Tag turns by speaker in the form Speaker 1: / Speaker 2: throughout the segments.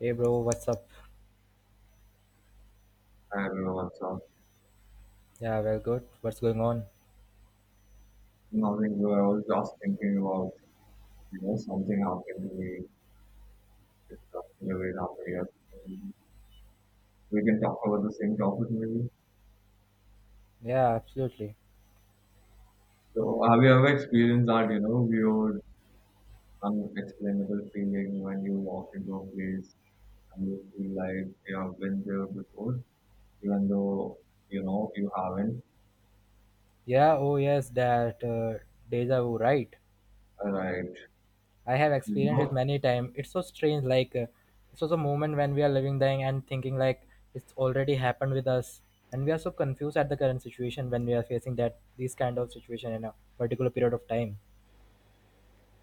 Speaker 1: Hey bro, what's up?
Speaker 2: I Hi everyone, what's up?
Speaker 1: Yeah, well, good. What's going on?
Speaker 2: Nothing good. I was just thinking about, something happened to me just in the way it happened yesterday. We can talk about the same topic maybe.
Speaker 1: Yeah, absolutely.
Speaker 2: So have you ever experienced that, you know, weird, unexplainable feeling when you walk into a place and you feel like you have been there before, even though, you know, you haven't?
Speaker 1: Yeah, oh yes, that deja vu, right?
Speaker 2: Right.
Speaker 1: I have
Speaker 2: You
Speaker 1: experienced it
Speaker 2: know,
Speaker 1: many times. It's so strange, like it was a moment when we are living there and thinking like it's already happened with us, and we are so confused at the current situation when we are facing that these kind of situation in a particular period of time.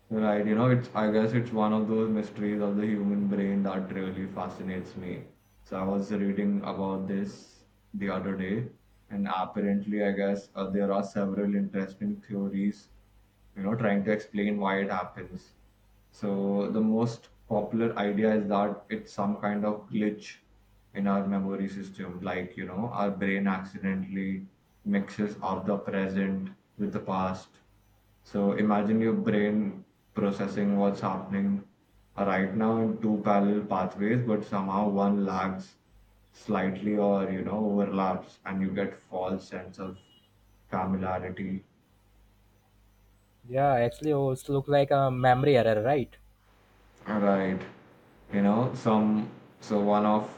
Speaker 2: Right, you know, it's I guess it's one of those mysteries of the human brain that really fascinates me. So I was reading about this the other day, and apparently, there are several interesting theories, you know, trying to explain why it happens. So the most popular idea is that it's some kind of glitch in our memory system, like, you know, our brain accidentally mixes up the present with the past. So imagine your brain processing what's happening right now in two parallel pathways, but somehow one lags slightly, or you know, overlaps, and you get false sense of familiarity.
Speaker 1: Yeah, actually, oh, it looks like a memory error, right?
Speaker 2: Right. You know, some so one of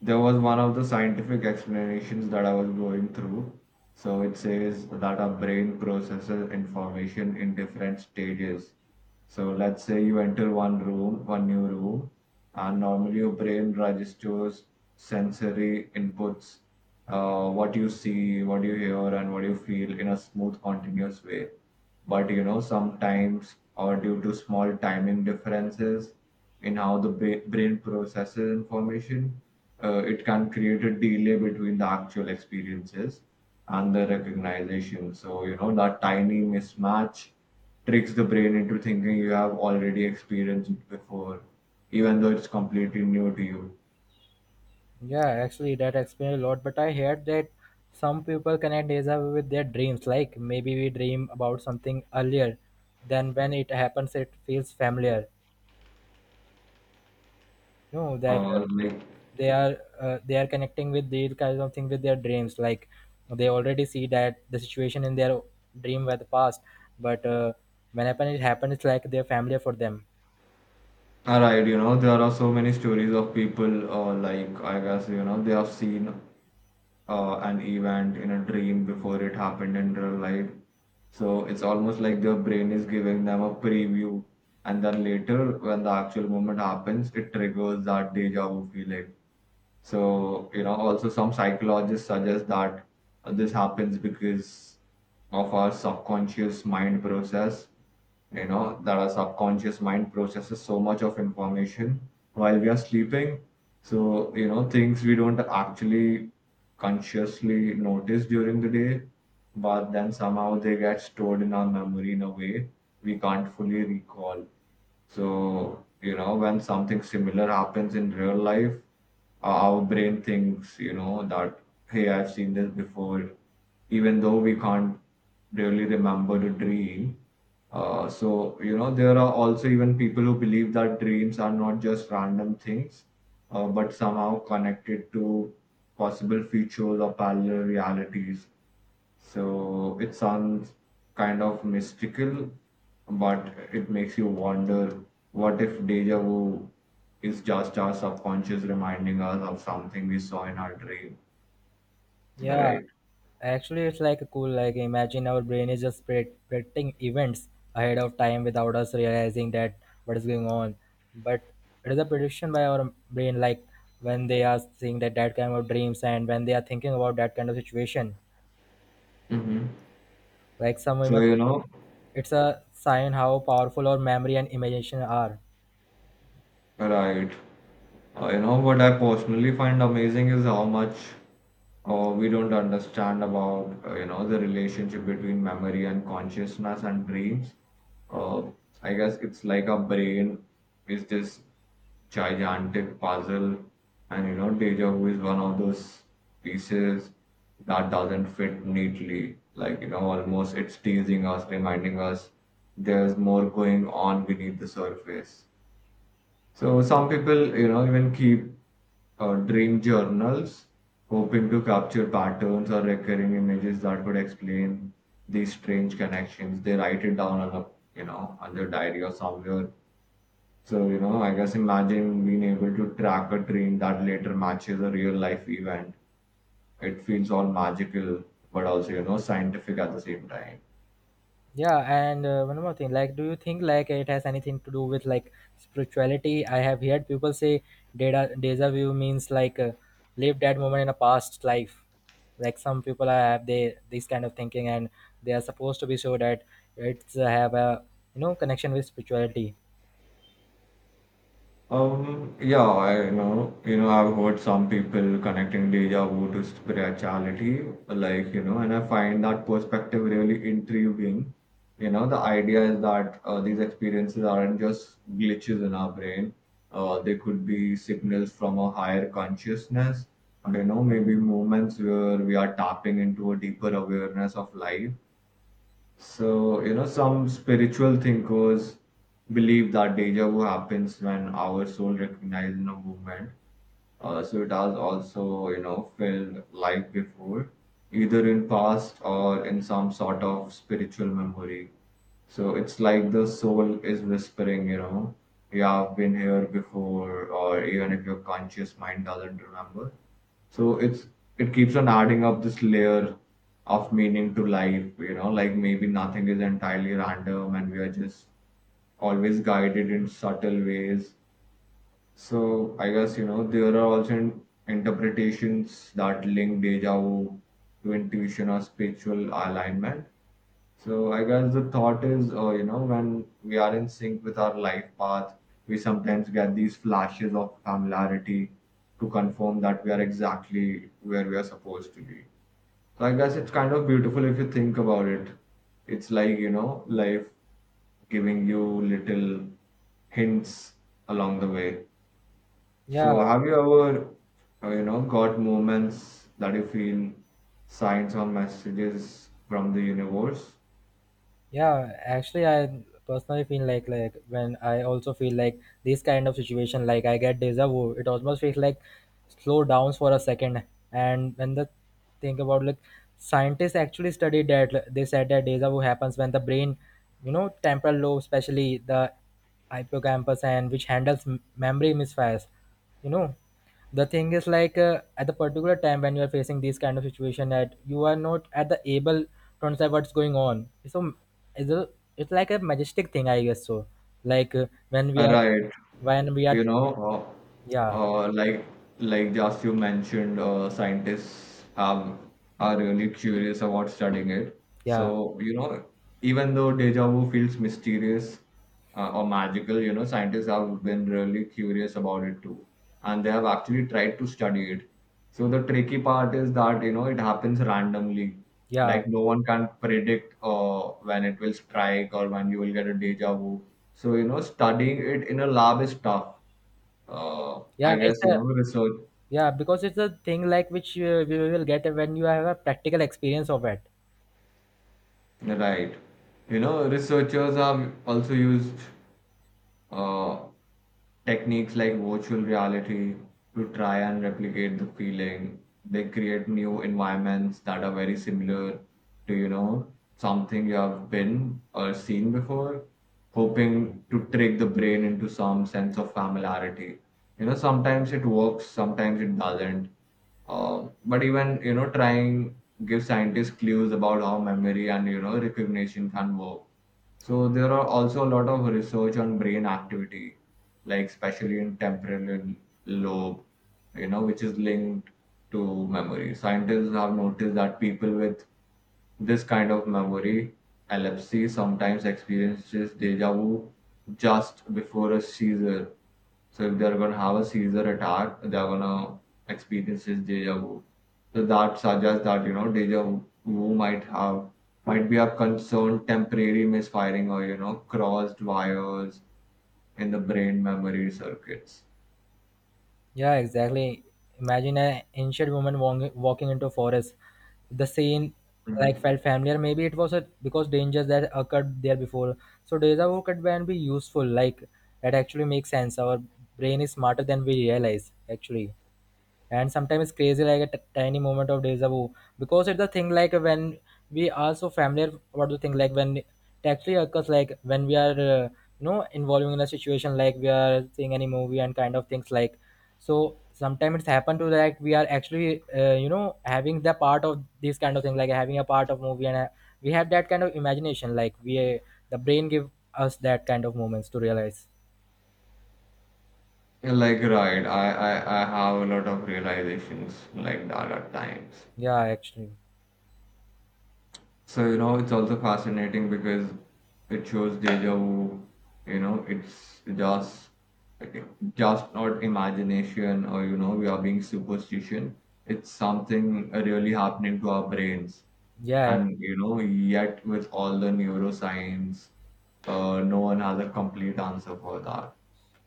Speaker 2: There was one of the scientific explanations that I was going through. So it says that our brain processes information in different stages. So let's say you enter one room, one new room, and normally your brain registers sensory inputs, what you see, what you hear, and what you feel in a smooth, continuous way. But you know, sometimes, or due to small timing differences in how the brain processes information, it can create a delay between the actual experiences and the recognition. So, you know, that tiny mismatch tricks the brain into thinking you have already experienced it before, even though it's completely new to you.
Speaker 1: Yeah, actually, that explains a lot. But I heard that some people connect deja vu with their dreams. Like maybe we dream about something earlier, then when it happens, it feels familiar. You know that
Speaker 2: Or, like,
Speaker 1: they are connecting with these kinds of things with their dreams. Like they already see that the situation in their dream were the past, but when happen it happens, it's like they're familiar for them.
Speaker 2: all right, you know, there are so many stories of people, they have seen an event in a dream before it happened in real life. So it's almost like their brain is giving them a preview, and then later, when the actual moment happens, it triggers that deja vu feeling. So, you know, also some psychologists suggest that this happens because of our subconscious mind process you know that our subconscious mind processes so much of information while we are sleeping. So, you know, things we don't actually consciously notice during the day, but then somehow they get stored in our memory in a way we can't fully recall. So, you know, when something similar happens in real life, our brain thinks, you know, that, hey, I've seen this before, even though we can't really remember the dream. So, you know, there are also even people who believe that dreams are not just random things, but somehow connected to possible features or parallel realities. So it sounds kind of mystical, but it makes you wonder, what if deja vu is just our subconscious reminding us of something we saw in our dream,
Speaker 1: Yeah,
Speaker 2: right?
Speaker 1: actually, it's like a cool. Like imagine our brain is just predicting events ahead of time without us realizing that what is going on. But it is a prediction by our brain. Like when they are seeing that that kind of dreams and when they are thinking about that kind of situation.
Speaker 2: hmm
Speaker 1: Like some
Speaker 2: So,
Speaker 1: women,
Speaker 2: you know,
Speaker 1: it's a sign how powerful our memory and imagination are.
Speaker 2: right. You know, what I personally find amazing is how much or we don't understand about you know, the relationship between memory and consciousness and dreams. Uh, i guess it's like our brain is this gigantic puzzle, and you know, deja vu is one of those pieces that doesn't fit neatly, like you know, almost it's teasing us, reminding us there's more going on beneath the surface. So some people, you know, even keep dream journals, hoping to capture patterns or recurring images that could explain these strange connections. They write it down on a, you know, on their diary or somewhere. So, you know, I guess imagine being able to track a dream that later matches a real life event. It feels all magical, but also, you know, scientific at the same time.
Speaker 1: Yeah, and one more thing, like, do you think like it has anything to do with like spirituality? I have heard people say data deja vu means like live that moment in a past life. Like have they this kind of thinking, and they are supposed to be sure that it's have a you know connection with spirituality.
Speaker 2: Yeah, I know. You know, I've heard some people connecting deja vu to spirituality, like, you know, and I find that perspective really intriguing. You know, the idea is that these experiences aren't just glitches in our brain. They could be signals from a higher consciousness, you know, maybe moments where we are tapping into a deeper awareness of life. So, you know, some spiritual thinkers believe that deja vu happens when our soul recognizes a movement. So it has also, you know, felt life before, either in past or in some sort of spiritual memory. So it's like the soul is whispering, you know, you have been here before, or even if your conscious mind doesn't remember. So it's it keeps on adding up this layer of meaning to life, you know, like maybe nothing is entirely random and we are just always guided in subtle ways. So I guess, you know, there are also interpretations that link deja vu to intuition or spiritual alignment. So I guess the thought is, you know, when we are in sync with our life path, we sometimes get these flashes of familiarity to confirm that we are exactly where we are supposed to be. So I guess it's kind of beautiful if you think about it. It's like, you know, life giving you little hints along the way.
Speaker 1: Yeah,
Speaker 2: So have you ever, you know, got moments that you feel signs or messages from the universe?
Speaker 1: yeah, actually, I personally feel like when I also feel like this kind of situation, like I get deja vu. It almost feels like slow downs for a second, and when the think about like scientists actually studied that like, they said that deja vu happens when the brain, you know, temporal lobe, especially the hippocampus, and which handles memory misfires. You know, the thing is like at the particular time when you are facing these kind of situation that you are not at the able to understand what's going on, so it's, a, it's like a majestic thing, I guess. So like
Speaker 2: Right,
Speaker 1: when we are
Speaker 2: you know,
Speaker 1: thinking.
Speaker 2: uh,
Speaker 1: Yeah,
Speaker 2: uh, like like just you mentioned, scientists have are really curious about studying it. So
Speaker 1: yeah,
Speaker 2: you know, even though deja vu feels mysterious or magical, you know, scientists have been really curious about it too, and they have actually tried to study it. So the tricky part is that you know it happens randomly.
Speaker 1: yeah,
Speaker 2: Like no one can predict when it will strike or when you will get a deja vu. So, you know, studying it in a lab is tough.
Speaker 1: yeah,
Speaker 2: I
Speaker 1: it's
Speaker 2: guess you
Speaker 1: a,
Speaker 2: know research,
Speaker 1: yeah, because it's a thing like which we will get when you have a practical experience of it.
Speaker 2: right. You know, researchers have also used uh, techniques like virtual reality to try and replicate the feeling. They create new environments that are very similar to, you know, something you have been or seen before, hoping to trick the brain into some sense of familiarity. You know, sometimes it works, sometimes it doesn't. But even you know, trying give scientists clues about how memory and you know recognition can work. So there are also a lot of research on brain activity, like especially in temporal lobe, you know, which is linked to memory. Scientists have noticed that people with this kind of memory epilepsy sometimes experiences deja vu just before a seizure. So if they're gonna have a seizure attack, they're gonna experience this deja vu. So that suggests that you know deja vu might be a concerned temporary misfiring, or you know, crossed wires in the brain memory circuits.
Speaker 1: Yeah, exactly. Imagine an ancient woman walking into a forest. The scene like
Speaker 2: Mhm.
Speaker 1: felt familiar. Maybe it was a, because dangers that occurred there before. So deja vu could can be useful. Like that actually makes sense. Our brain is smarter than we realize. Actually and sometimes crazy like a tiny moment of deja vu because it's the thing like when we are so familiar about the thing like when it actually occurs, like when we are you know involving in a situation like we are seeing any movie and kind of things like. So sometimes it's happened to like we are actually you know having the part of this kind of thing like having a part of movie and we have that kind of imagination like we the brain give us that kind of moments to realize.
Speaker 2: Like right, I have a lot of realizations like that at times.
Speaker 1: Yeah, actually.
Speaker 2: So, you know, it's also fascinating because it shows deja vu, you know, it's just not imagination, or, you know, we are being superstition. It's something really happening to our brains.
Speaker 1: Yeah.
Speaker 2: And, you know, yet with all the neuroscience, no one has a complete answer for that.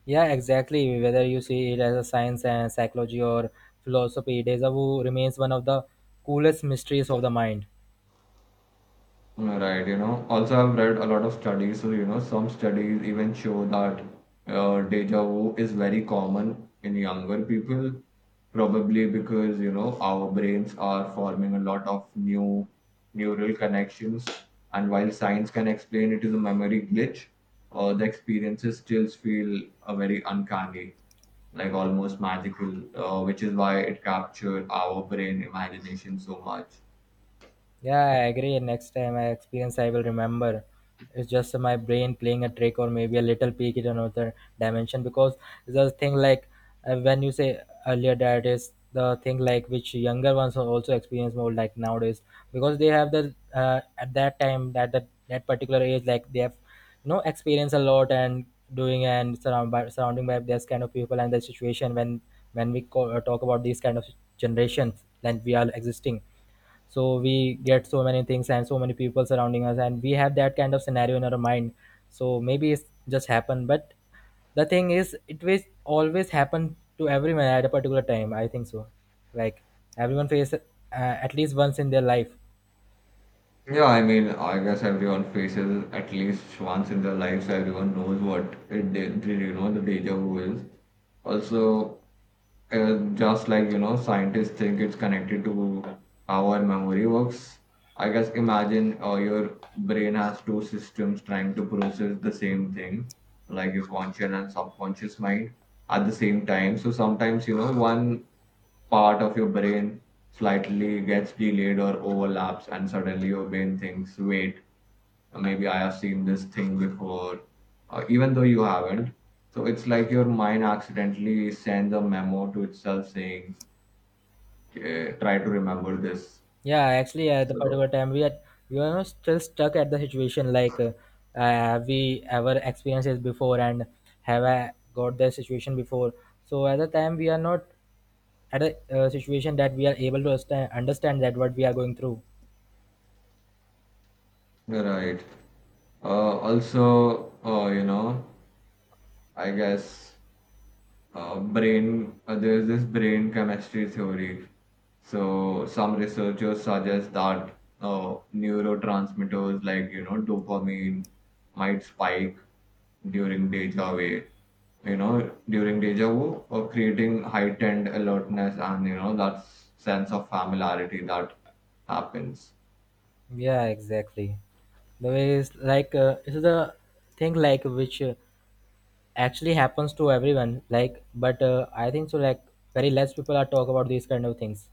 Speaker 1: Yeah, exactly. Whether you see it as a science and psychology or philosophy, deja vu remains one of the coolest mysteries of the mind.
Speaker 2: Right, you know. Also, I've read a lot of studies. So, you know, some studies even show that deja vu is very common in younger people, probably because, you know, our brains are forming a lot of new neural connections. And while science can explain it is a memory glitch, the experiences still feel very uncanny, like almost magical, which is why it captured our brain imagination so much.
Speaker 1: Yeah, I agree. Next time I experience, I will remember. It's just my brain playing a trick, or maybe a little peek in another dimension. Because the thing like when you say earlier, that is the thing like which younger ones are also experience more like nowadays, because they have the at that time that particular age like they have you know experience a lot and doing and surrounding by this kind of people and the situation when we talk about these kind of generations that we are existing. So we get so many things and so many people surrounding us, and we have that kind of scenario in our mind. So maybe it's just happened, but the thing is it will always happen to everyone at a particular time, I think so. Like everyone faces at least once in their life.
Speaker 2: Yeah, I mean, I guess everyone faces at least once in their lives. Everyone knows what it did, you know, the deja vu is. Also, just like you know scientists think it's connected to how our memory works. I guess imagine your brain has two systems trying to process the same thing, like your conscious and subconscious mind at the same time. So sometimes you know one part of your brain slightly gets delayed or overlaps, and suddenly your brain thinks, wait, maybe I have seen this thing before, even though you haven't. So it's like your mind accidentally sends a memo to itself saying, "Okay, try to remember this."
Speaker 1: Yeah, actually, at the
Speaker 2: So,
Speaker 1: particular time we are not still stuck at the situation like uh, have we ever experienced this before, and have I got that situation before. So at the time we are not at a situation that we are able to understand, that what we are going through.
Speaker 2: right. Also, you know, I guess there's this brain chemistry theory. So some researchers suggest that neurotransmitters like, you know, dopamine might spike during deja vu you know, during deja vu, or creating heightened alertness and, you know, that sense of familiarity that happens.
Speaker 1: Yeah, exactly. The way is like this is a thing like which actually happens to everyone like, but I think so like very less people are talk about these kind of things.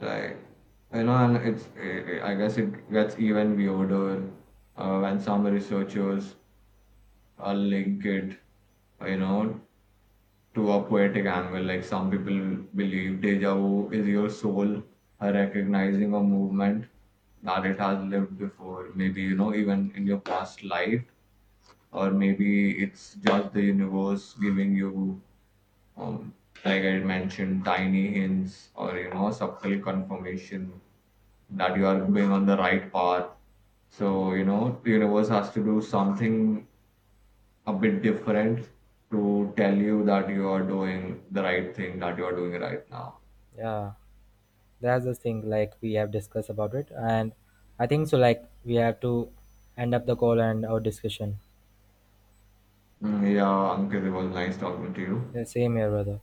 Speaker 2: Like, you know, and I guess it gets even weirder when some researchers link it, you know, to a poetic angle. Like, some people believe deja vu is your soul recognizing a movement that it has lived before, maybe, you know, even in your past life, or maybe it's just the universe giving you um, like I mentioned, tiny hints, or you know, subtle confirmation that you are going on the right path. So you know the universe has to do something a bit different to tell you that you are doing the right thing that you are doing right now.
Speaker 1: Yeah, that's the thing like we have discussed about it, and I think so like we have to end up the call and our discussion.
Speaker 2: Yeah, Ankit, it was nice talking to you.
Speaker 1: Yeah, same here, brother.